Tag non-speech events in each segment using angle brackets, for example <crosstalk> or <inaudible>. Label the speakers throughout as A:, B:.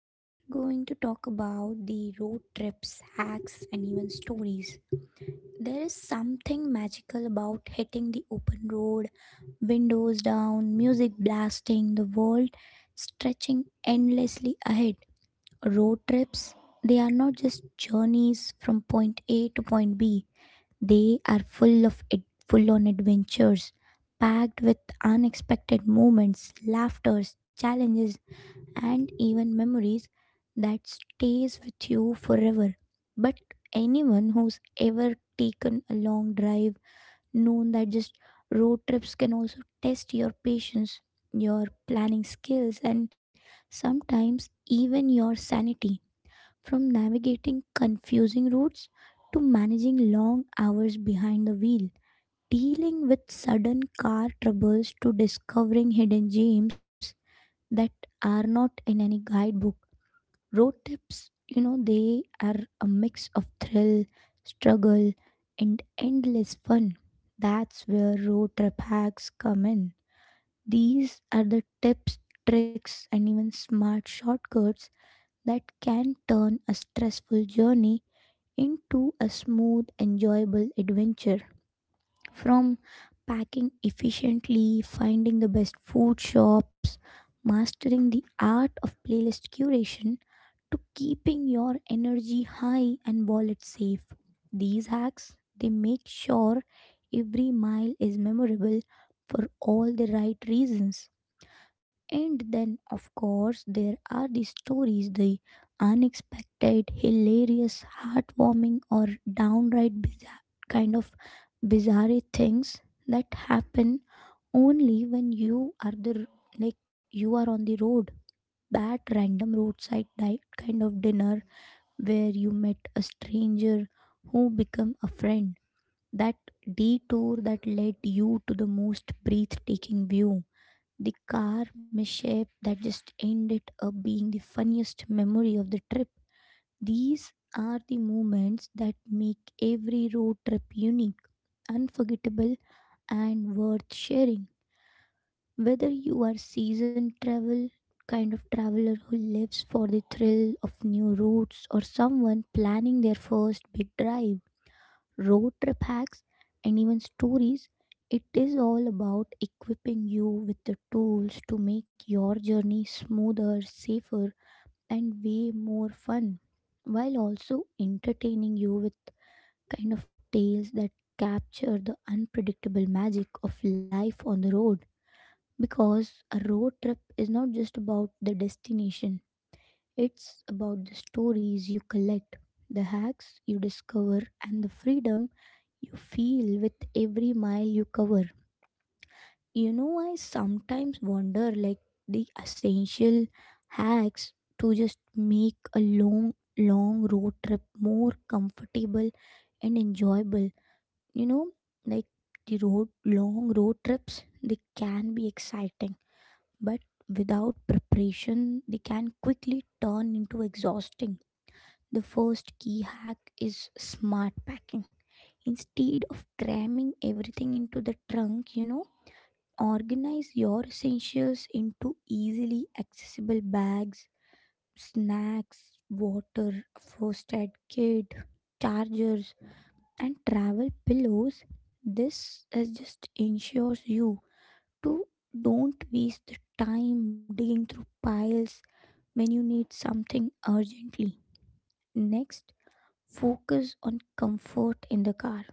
A: we are going to talk about the road trips, hacks, and even stories. There is something magical about hitting the open road, windows down, music blasting, the world stretching endlessly ahead. Road trips, they are not just journeys from point A to point B. They are full of it, full on adventures, packed with unexpected moments, laughters, challenges, and even memories that stays with you forever. But anyone who's ever taken a long drive known that just road trips can also test your patience, your planning skills, and sometimes even your sanity. From navigating confusing routes to managing long hours behind the wheel, dealing with sudden car troubles to discovering hidden gems that are not in any guidebook. Road trips, they are a mix of thrill, struggle, and endless fun. That's where road trip hacks come in. These are the tips, tricks, and even smart shortcuts that can turn a stressful journey into a smooth, enjoyable adventure. From packing efficiently, finding the best food shops, mastering the art of playlist curation, to keeping your energy high and wallet safe. These hacks they make sure every mile is memorable for all the right reasons. And then of course there are the stories, the unexpected, hilarious, heartwarming, or downright bizarre kind of bizarre things that happen only when you are on the road, that random roadside dinner where you met a stranger who became a friend, that detour that led you to the most breathtaking view, the car mishap that just ended up being the funniest memory of the trip. These are the moments that make every road trip unique, unforgettable, and worth sharing. Whether you are seasoned traveler who lives for the thrill of new routes or someone planning their first big drive, road trip hacks and even stories, it is all about equipping you with the tools to make your journey smoother, safer, and way more fun while also entertaining you with kind of tales that capture the unpredictable magic of life on the road. Because a road trip is not just about the destination, it's about the stories you collect, the hacks you discover, and the freedom you feel with every mile you cover. I sometimes wonder the essential hacks to just make a long, long road trip more comfortable and enjoyable. You know, like long road trips, they can be exciting, but without preparation, they can quickly turn into exhausting. The first key hack is smart packing. Instead of cramming everything into the trunk, organize your essentials into easily accessible bags, snacks, water, first aid kit, chargers, and travel pillows. This is just ensures you to don't waste the time digging through piles when you need something urgently. Next, focus on comfort in the car,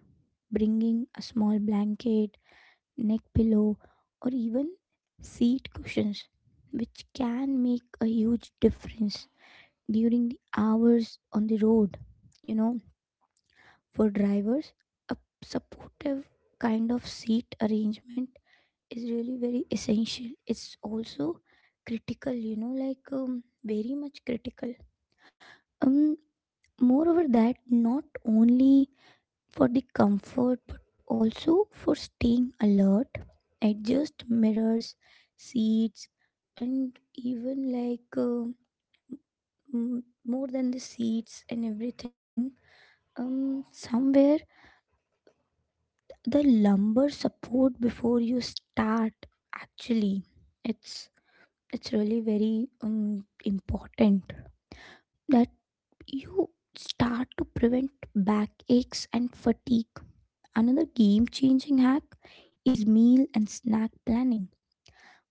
A: bringing a small blanket, neck pillow, or even seat cushions, which can make a huge difference during the hours on the road. You know, for drivers, a supportive kind of seat arrangement is really very essential. It's also critical, very much critical. Um, Moreover, that not only for the comfort but also for staying alert, adjust mirrors, seats, and even more than the seats and everything. Somewhere the lumbar support before you start. Actually, it's it's really very important that you start to prevent backaches and fatigue. Another game changing hack is meal and snack planning.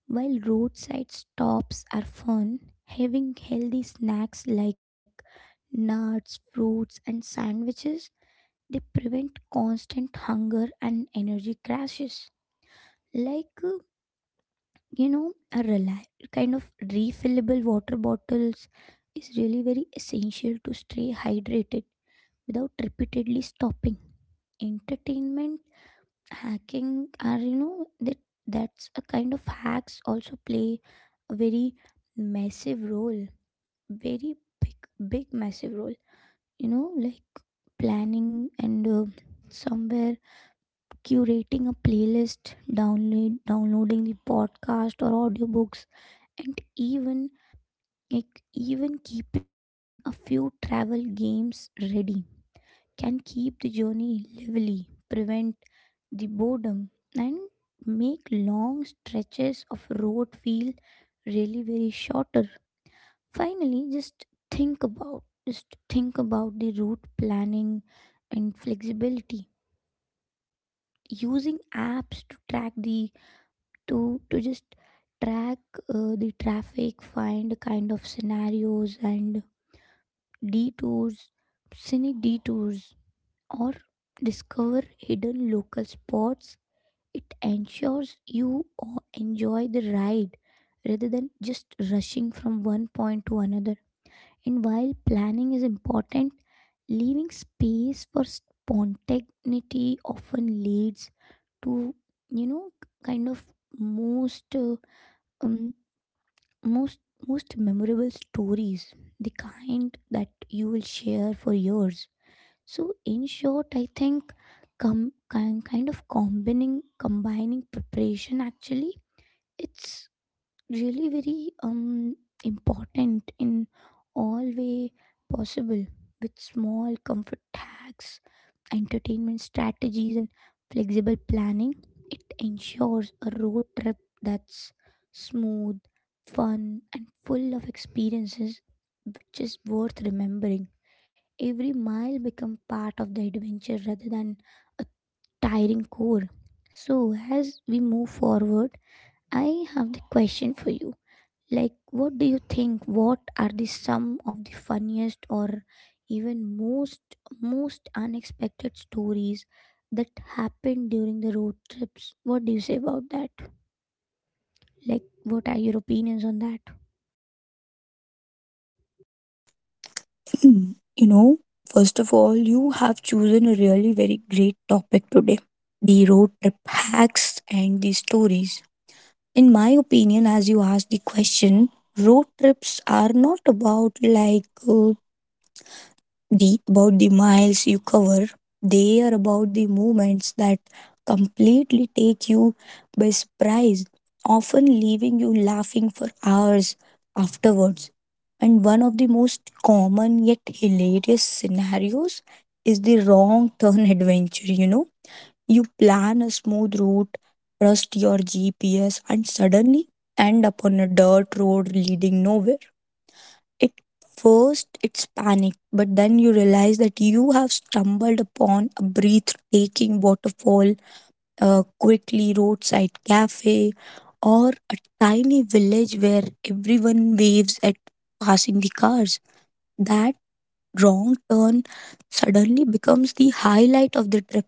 A: While roadside stops are fun, having healthy snacks like nuts, fruits, and sandwiches they prevent constant hunger and energy crashes. Like a reli kind of refillable water bottles is really very essential to stay hydrated without repeatedly stopping. Entertainment hacking are, that that's a kind of hacks also play a very massive role, very big big massive role, like planning and somewhere curating a playlist, downloading the podcast or audiobooks, and even keeping a few travel games ready can keep the journey lively, prevent the boredom, and make long stretches of road feel really very shorter. Finally, just think about the route planning and flexibility, using apps to just track the traffic, find kind of scenarios and detours scenic detours, or discover hidden local spots. It ensures you enjoy the ride rather than just rushing from one point to another. And while planning is important, leaving space for spontaneity often leads to you know kind of most uh, um, most most memorable stories, the kind that you will share for years. So in short, I think combining preparation, actually it's really very important in all way possible, with small comfort hacks, entertainment strategies, and flexible planning. It ensures a road trip that's smooth, fun, and full of experiences, which is worth remembering. Every mile become part of the adventure rather than a tiring chore. So as we move forward, I have the question for you. Like, what do you think, what are the some of the funniest or even most unexpected stories that happened during the road trips? What do you say about that? Like, what are your opinions on that?
B: Hmm. You know, First of all, you have chosen a really very great topic today, the road trip hacks and the stories. In my opinion, as you asked the question, road trips are not about like the about the miles you cover. They are about the moments that completely take you by surprise, often leaving you laughing for hours afterwards. And one of the most common yet hilarious scenarios is the wrong turn <laughs> adventure, you know. You plan a smooth route, trust your GPS, and suddenly end up on a dirt road leading nowhere. At first, it's panic, but then you realize that you have stumbled upon a breathtaking waterfall, a quickly roadside cafe, or a tiny village where everyone waves at passing the cars. That wrong turn suddenly becomes the highlight of the trip.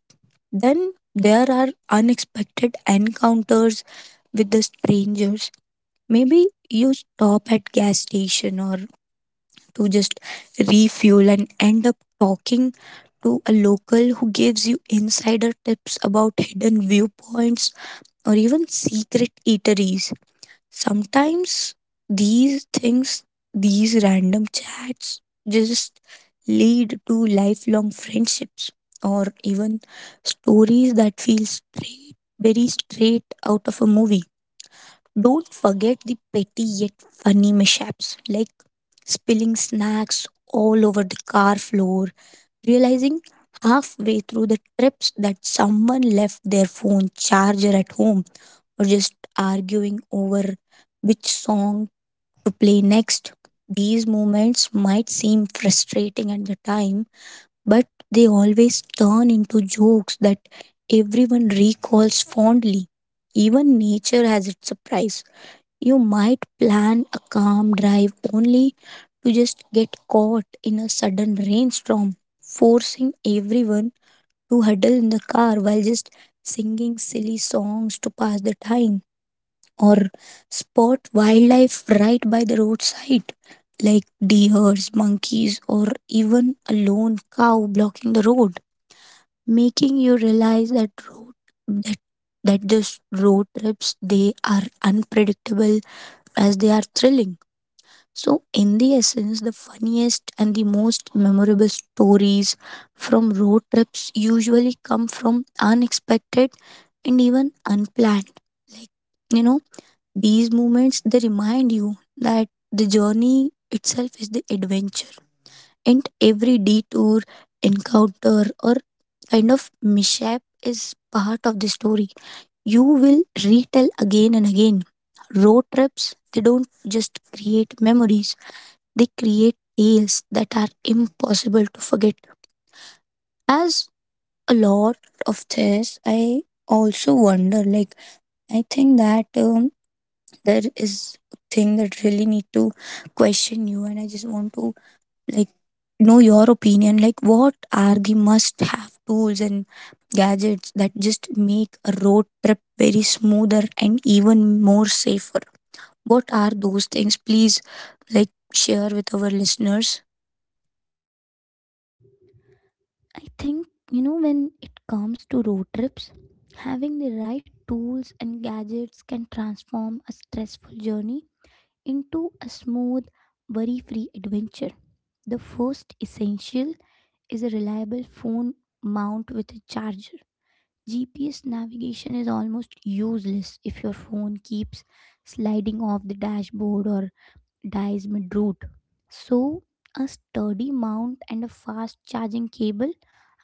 B: Then there are unexpected encounters with the strangers. Maybe you stop at gas station or to just refuel and end up talking to a local who gives you insider tips about hidden viewpoints or even secret eateries. Sometimes these things, these random chats just lead to lifelong friendships or even stories that feel straight, very straight out of a movie. Don't forget the petty yet funny mishaps like spilling snacks all over the car floor, realizing halfway through the trips that someone left their phone charger at home, or just arguing over which song to play next. These moments might seem frustrating at the time, but they always turn into jokes that everyone recalls fondly. Even nature has its surprise. You might plan a calm drive only to just get caught in a sudden rainstorm, forcing everyone to huddle in the car while just singing silly songs to pass the time, or spot wildlife right by the roadside, like deers, monkeys, or even a lone cow blocking the road, making you realize that that this road trips they are unpredictable as they are thrilling. So, in the essence, the funniest and the most memorable stories from road trips usually come from unexpected and even unplanned. Like, you know, these moments they remind you that the journey itself is the adventure, and every detour, encounter, or kind of mishap is part of the story. You will retell again and again. Road trips, they don't just create memories, they create tales that are impossible to forget. As a lot of this, I also wonder like, I think that there is a thing that really need to question you, and I just want to like know your opinion, like what are the must have tools and gadgets that just make a road trip very smoother and even more safer. What are those things, please, like share with our listeners.
A: I think, when it comes to road trips, having the right tools and gadgets can transform a stressful journey into a smooth, worry free adventure. The first essential is a reliable phone mount with a charger. GPS navigation is almost useless if your phone keeps sliding off the dashboard or dies mid-route. So, a sturdy mount and a fast charging cable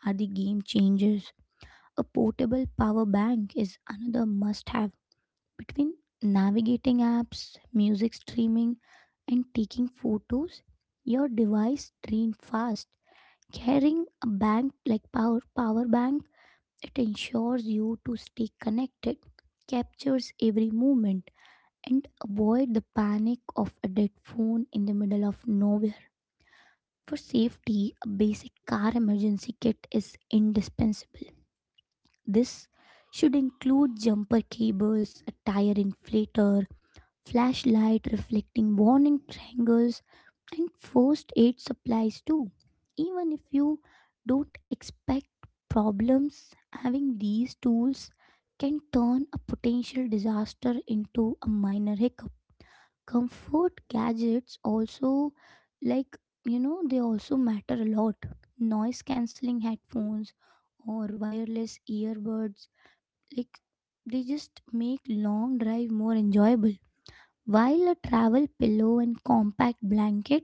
A: are the game changers. A portable power bank is another must have. Between navigating apps, music streaming, and taking photos, your device drains fast. Carrying a bank like power power bank, it ensures you to stay connected, captures every movement, and avoid the panic of a dead phone in the middle of nowhere. For safety, a basic car emergency kit is indispensable. This should include jumper cables, a tire inflator, flashlight reflecting warning triangles, and first aid supplies too. Even if you don't expect problems, having these tools can turn a potential disaster into a minor hiccup. Comfort gadgets also, like they also matter a lot. Noise cancelling headphones or wireless earbuds, like, they just make long drive more enjoyable, while a travel pillow and compact blanket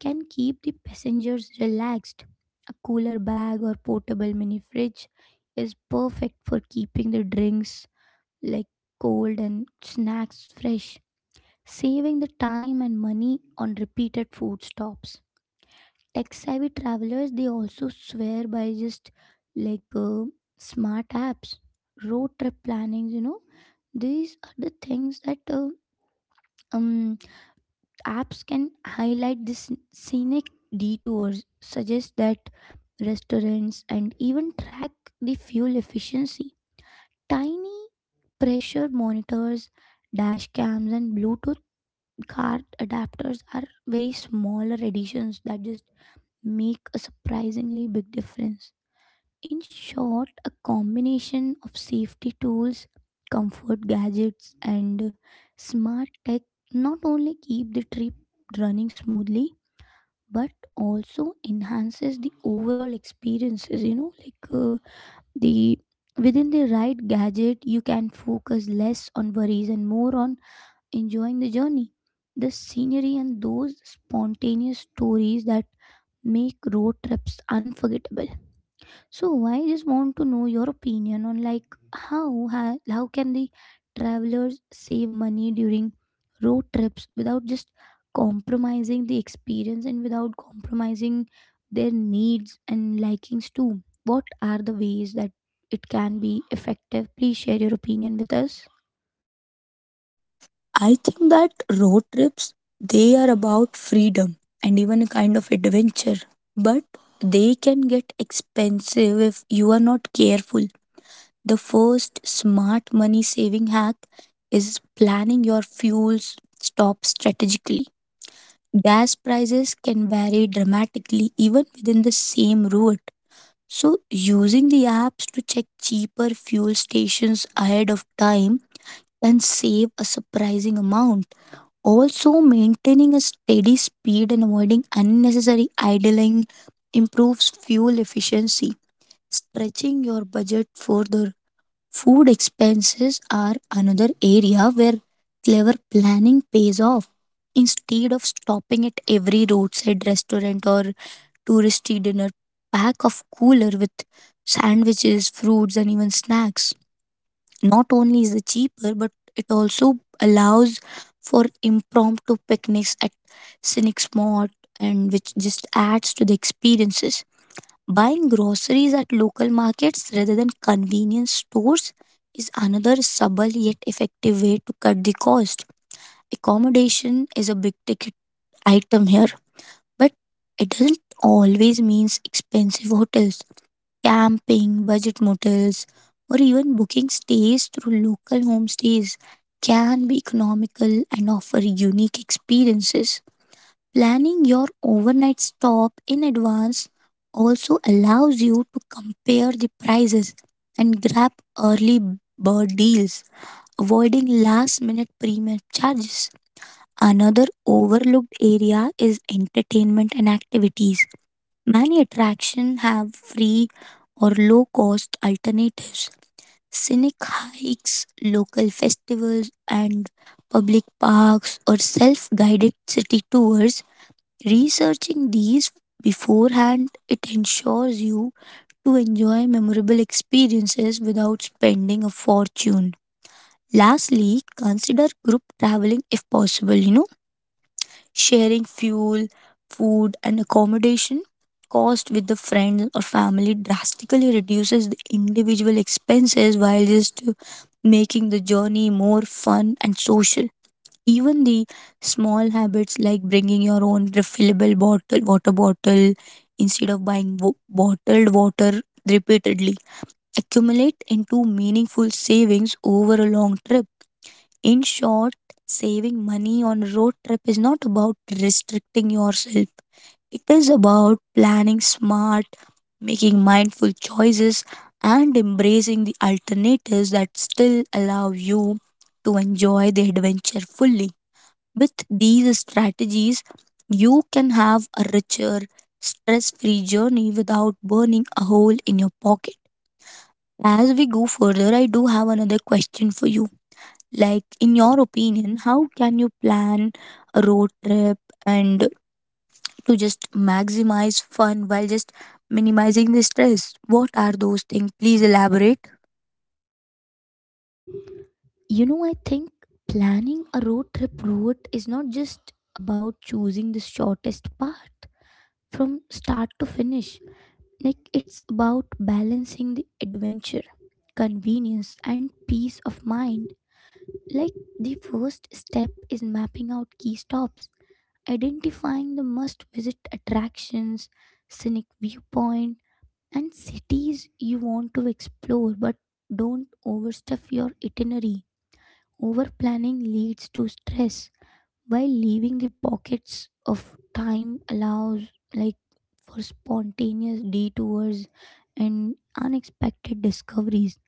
A: can keep the passengers relaxed. A cooler bag or portable mini fridge is perfect for keeping the drinks, like, cold and snacks fresh, saving the time and money on repeated food stops. Tech savvy travelers they also swear by just like smart apps, road trip planning. These are the things that um apps can highlight this scenic detours, suggest that restaurants, and even track the fuel efficiency. Tiny pressure monitors, dash cams, and Bluetooth card adapters are very smaller additions that just make a surprisingly big difference. In short, a combination of safety tools, comfort gadgets, and smart tech not only keep the trip running smoothly but also enhances the overall experiences. You know like uh, the within the right gadget you can focus less on worries and more on enjoying the journey, the scenery, and those spontaneous stories that make road trips unforgettable. So I just want to know your opinion on, like, how how can the travelers save money during road trips without just compromising the experience and without compromising their needs and likings too. What are the ways that it can be effective? Please share your opinion with us.
B: I think that road trips, they are about freedom and even a kind of adventure, but they can get expensive if you are not careful. The first smart money saving hack is planning your stop strategically. Gas prices can vary dramatically even within the same route. So, using the apps to check cheaper fuel stations ahead of time can save a surprising amount. Also, maintaining a steady speed and avoiding unnecessary idling improves fuel efficiency. Stretching your budget for the food expenses are another area where clever planning pays off. Instead of stopping at every roadside restaurant or touristy dinner, pack of cooler with sandwiches, fruits, and even snacks. Not only is it cheaper, but it also allows for impromptu picnics at scenic spot and which just adds to the experiences. Buying groceries at local markets rather than convenience stores is another subtle yet effective way to cut the cost. Accommodation is a big ticket item here, but it doesn't always means expensive hotels. Camping, budget motels, or even booking stays through local homestays can be economical and offer unique experiences. Planning your overnight stop in advance also allows you to compare the prices and grab early bird deals, avoiding last minute premium charges. Another overlooked area is entertainment and activities. Many attractions have free or low cost alternatives. Scenic hikes, local festivals, and public parks or self guided city tours. Researching these beforehand, it ensures you to enjoy memorable experiences without spending a fortune. Lastly, consider group traveling if possible, you know, sharing fuel, food, and accommodation cost with the friends or family drastically reduces the individual expenses while just making the journey more fun and social. Even the small habits like bringing your own refillable bottle, water bottle instead of buying bottled water repeatedly accumulate into meaningful savings over a long trip. In short, saving money on a road trip is not about restricting yourself. It is about planning smart, making mindful choices, and embracing the alternatives that still allow you to enjoy the adventure fully. With these strategies, you can have a richer, stress free journey without burning a hole in your pocket. As we go further, I do have another question for you. Like, in your opinion, how can you plan a road trip and to just maximize fun while just minimizing the stress? What are those things? Please elaborate.
A: I think planning a road trip route is not just about choosing the shortest path from start to finish. Like, it's about balancing the adventure, convenience, and peace of mind. Like, the first step is mapping out key stops, identifying the must visit attractions, scenic viewpoint, and cities you want to explore, but don't overstuff your itinerary. Over planning leads to stress, while leaving the pockets of time allows, like, for spontaneous detours and unexpected discoveries,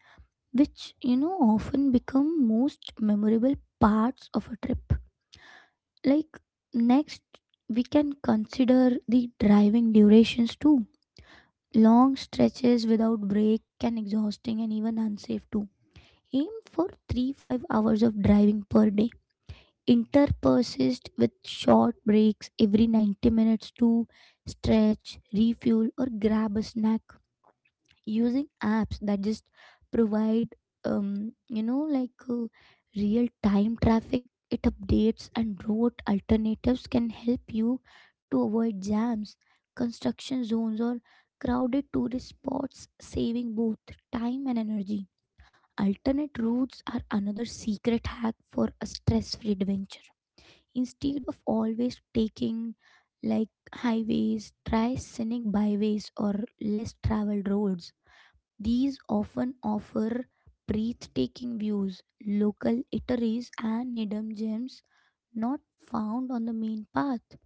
A: which often become most memorable parts of a trip. Like, next we can consider the driving durations too. Long stretches without break can exhausting and even unsafe too. Aim for 3 5 hours of driving per day interpersist with short breaks every 90 minutes to stretch, refuel, or grab a snack. Using apps that just provide, like, real time traffic, it updates and route alternatives can help you to avoid jams, construction zones, or crowded tourist spots, saving both time and energy. Alternate routes are another secret hack for a stress free adventure. Instead of always taking like highways, try scenic byways or less traveled roads. These often offer breathtaking views, local eateries, and hidden gems not found on the main path.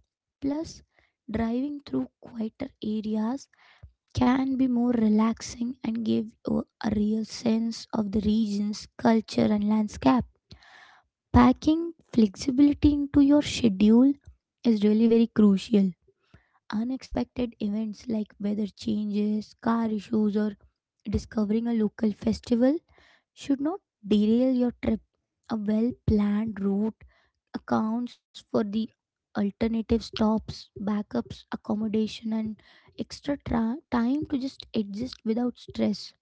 A: Plus, driving through quieter areas can be more relaxing and give you a real sense of the region's culture and landscape. Packing flexibility into your schedule is really very crucial. Unexpected events like weather changes, car issues, or discovering a local festival should not derail your trip. A well planned route accounts for the alternative stops, backups, accommodation, and time to just adjust without stress.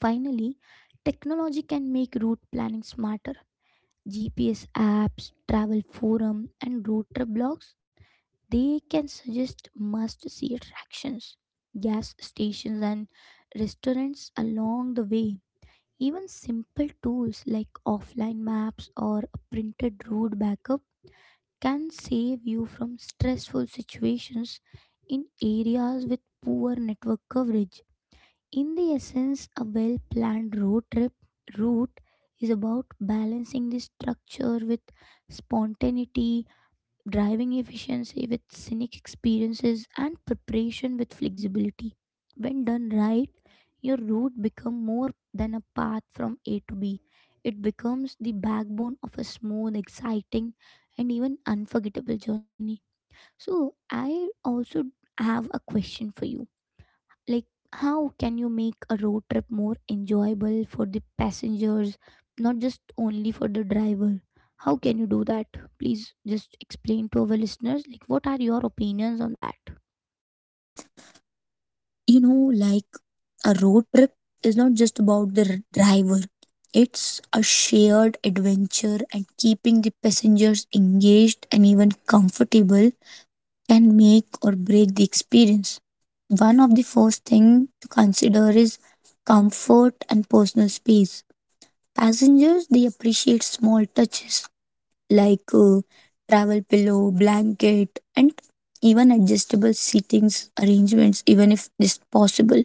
A: Finally, technology can make route planning smarter. GPS apps, travel forum, and road trip blogs, they can suggest must-see attractions, gas stations, and restaurants along the way. Even simple tools like offline maps or a printed road backup can save you from stressful situations in areas with poor network coverage. In the essence, a well planned road trip route is about balancing the structure with spontaneity, driving efficiency with scenic experiences, and preparation with flexibility. When done right, your route becomes more than a path from A to B. It becomes the backbone of a smooth, exciting, and even unforgettable journey. So, I also have a question for you, like, how can you make a road trip more enjoyable for the passengers, not just only for the driver? How can you do that? Please just explain to our listeners, like, what are your opinions on that?
B: You know, like a road trip is not just about the driver. It's a shared adventure, and keeping the passengers engaged and even comfortable can make or break the experience. One of the first thing to consider is comfort and personal space. Passengers, they appreciate small touches like travel pillow blanket and even adjustable seatings arrangements even if this possible.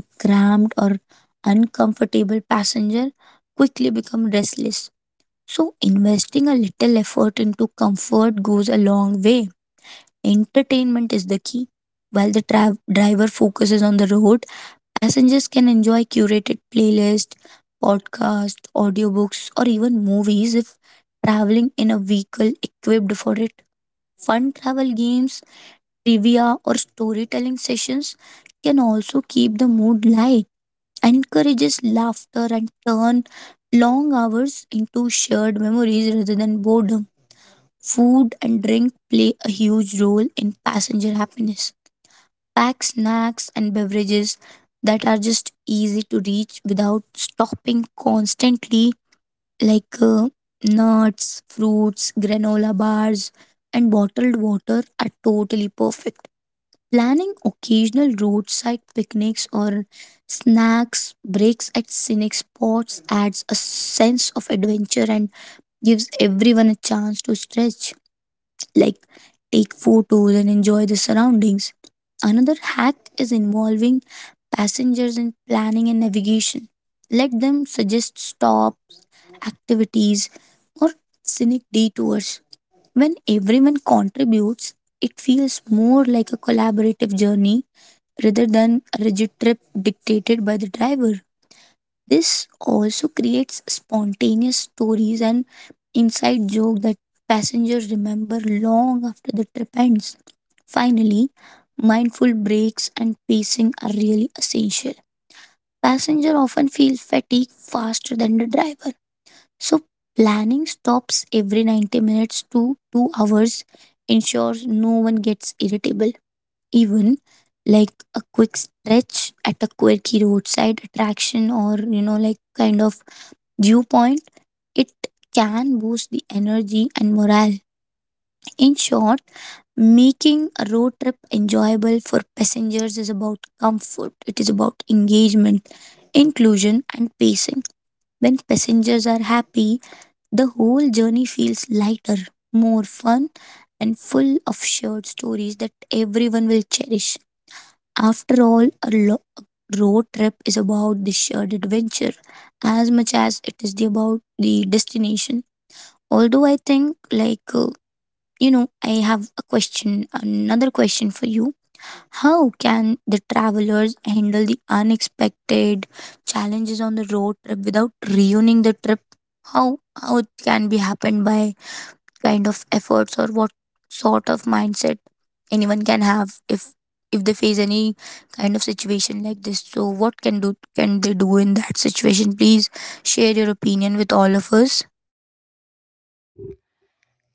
B: A cramped or uncomfortable passenger quickly become restless. So, investing a little effort into comfort goes a long way. Entertainment is the key. While the driver focuses on the road, passengers can enjoy curated playlists, podcasts, audiobooks, or even movies if traveling in a vehicle equipped for it. Fun travel games, trivia, or storytelling sessions can also keep the mood light, encourages laughter and turn long hours into shared memories rather than boredom. Food and drink play a huge role in passenger happiness. Pack snacks and beverages that are just easy to reach without stopping constantly, like nuts, fruits, granola bars, and bottled water, are totally perfect. Planning occasional roadside picnics or snacks breaks at scenic spots adds a sense of adventure and gives everyone a chance to stretch, like take photos and enjoy the surroundings. Another hack is involving passengers in planning and navigation. Let them suggest stops, activities, or scenic detours. When everyone contributes, it feels more like a collaborative journey rather than a rigid trip dictated by the driver. This also creates spontaneous stories and inside joke that passengers remember long after the trip ends. Finally, mindful breaks and pacing are really essential. Passenger often feels fatigue faster than the driver, so planning stops every 90 minutes to 2 hours ensures no one gets irritable. Even like a quick stretch at a quirky roadside attraction or you know like kind of dew point, it can boost the energy and morale. In short, making a road trip enjoyable for passengers is about comfort. It is about engagement, inclusion and pacing. When passengers are happy, the whole journey feels lighter, more fun, and full of shared stories that everyone will cherish. After all, a road trip is about the shared adventure as much as it is the about the destination. Although I think, like, uh, I have a question, another question for you. How can the travelers handle the unexpected challenges on the road trip without ruining the trip? How how it can be happened by kind of efforts, or what sort of mindset anyone can have if they face any kind of situation like this? So what can they do in that situation? Please share your opinion with all of us.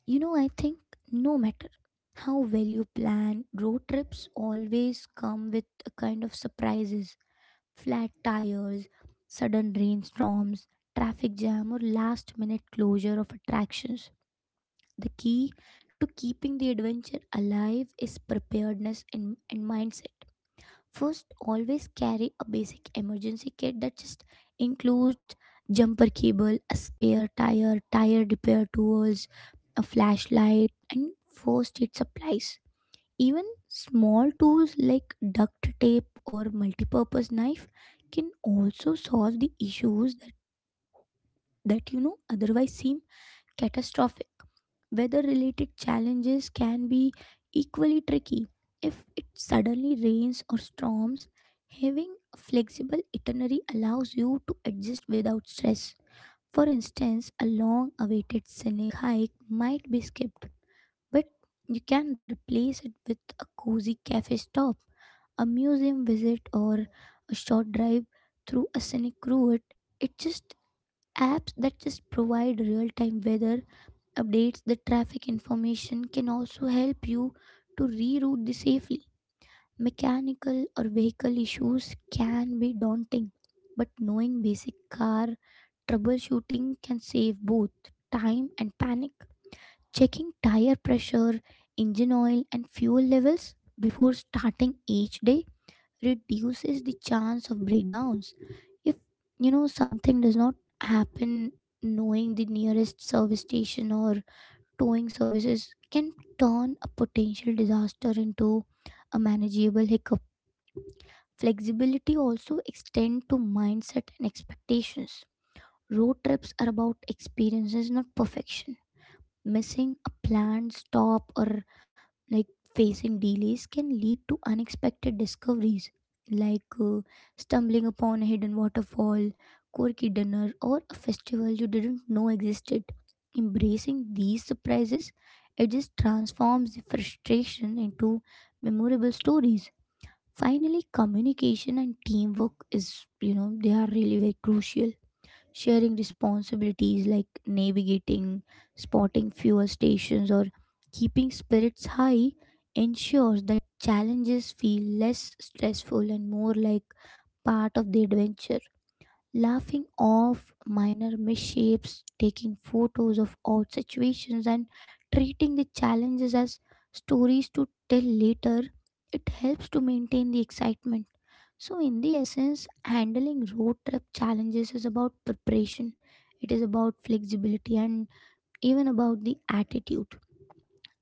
A: You know, I think no matter how well you plan, road trips always come with a kind of surprises: flat tires, sudden rainstorms, traffic jam, or last minute closure of attractions. The key to keeping the adventure alive is preparedness and mindset. First, always carry a basic emergency kit that just includes jumper cable, a spare tire, tire repair tools, a flashlight, and first aid supplies. Even small tools like duct tape or multi-purpose knife can also solve the issues that you know otherwise seem catastrophic. Weather related challenges can be equally tricky. If it suddenly rains or storms, having a flexible itinerary allows you to adjust without stress. For instance, a long awaited scenic hike might be skipped, but you can replace it with a cozy cafe stop, a museum visit, or a short drive through a scenic route. It just apps that just provide real time weather updates, the traffic information can also help you to reroute the safely. Mechanical or vehicle issues can be daunting, but knowing basic car troubleshooting can save both time and panic. Checking tire pressure, engine oil, and fuel levels before starting each day reduces the chance of breakdowns. If you know something does not happen, knowing the nearest service station or towing services can turn a potential disaster into a manageable hiccup. Flexibility also extends to mindset and expectations. Road trips are about experiences, not perfection. Missing a planned stop or like facing delays can lead to unexpected discoveries, like stumbling upon a hidden waterfall, quirky dinner, or a festival you didn't know existed. Embracing these surprises, it just transforms the frustration into memorable stories. Finally, communication and teamwork is, you know, they are really very crucial. Sharing responsibilities like navigating, spotting fuel stations, or keeping spirits high ensures that challenges feel less stressful and more like part of the adventure. Laughing off minor misshapes, taking photos of odd situations, and treating the challenges as stories to tell later, it helps to maintain the excitement. So, in the essence, handling road trip challenges is about preparation, it is about flexibility, and even about the attitude.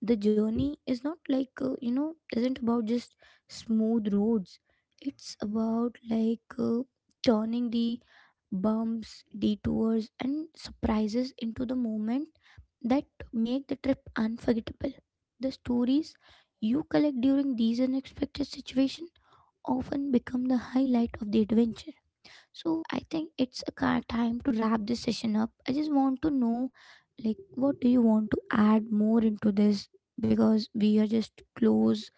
A: The journey is not like, you know, isn't about just smooth roads, it's about like turning the bumps, detours, and surprises into the moment that make the trip unforgettable. The stories you collect during these unexpected situations often become the highlight of the adventure. So I think it's time to wrap this session up. I just want to know, like, what do you want to add more into this? Because we are just close,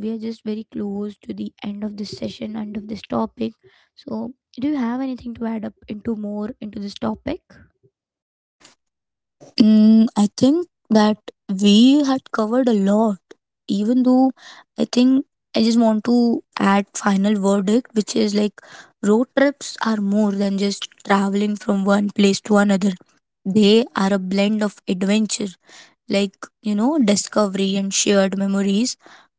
A: we are just very close to the end of this session, end of this topic. So, do you have anything to add up into more into this topic?
B: Mm, I think that we had covered a lot. Even though I think I just want to add final verdict, which is like road trips are more than just traveling from one place to another. They are a blend of adventure, like you know, discovery and shared memories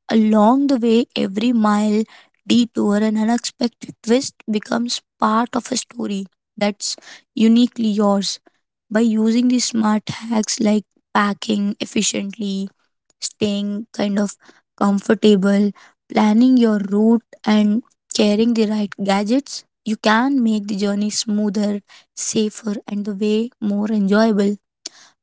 B: along the way. Every mile, detour and unexpected twist becomes part of a story that's uniquely yours. By using these smart hacks like packing efficiently, staying kind of comfortable, planning your route and carrying the right gadgets, you can make the journey smoother, safer and the way more enjoyable.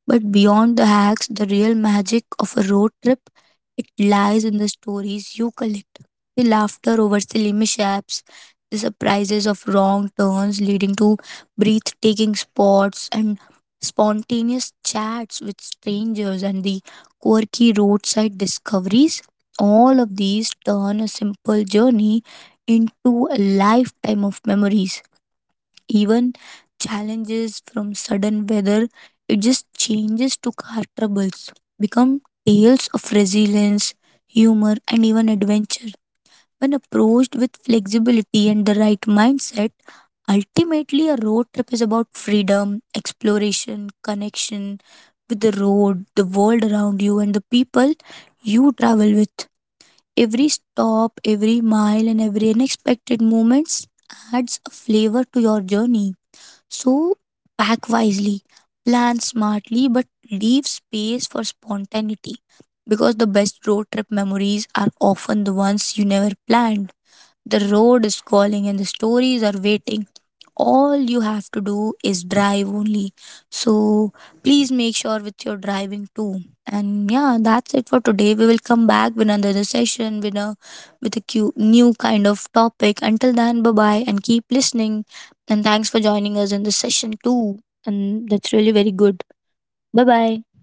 B: But beyond the hacks, the real magic of a road trip, it lies in the stories you collect. The laughter over silly mishaps, the surprises of wrong turns leading to breathtaking spots, and spontaneous chats with strangers, and the quirky roadside discoveries. All of these turn a simple journey into a lifetime of memories. Even challenges from sudden weather, it just changes to car troubles, become tales of resilience, humor, and even adventure. When approached with flexibility and the right mindset, ultimately a road trip is about freedom, exploration, connection with the road, the world around you, and the people you travel with. Every stop, every mile, and every unexpected moments adds a flavor to your journey. So pack wisely, plan smartly, but leave space for spontaneity, because the best road trip memories are often the ones you never planned. The road is calling and the stories are waiting. All you have to do is drive only. So please make sure with your driving too. And yeah, that's it for today. We will come back with another session with a new kind of topic. Until then, bye bye and keep listening. And thanks for joining us in this session too. And that's really very good. Bye bye.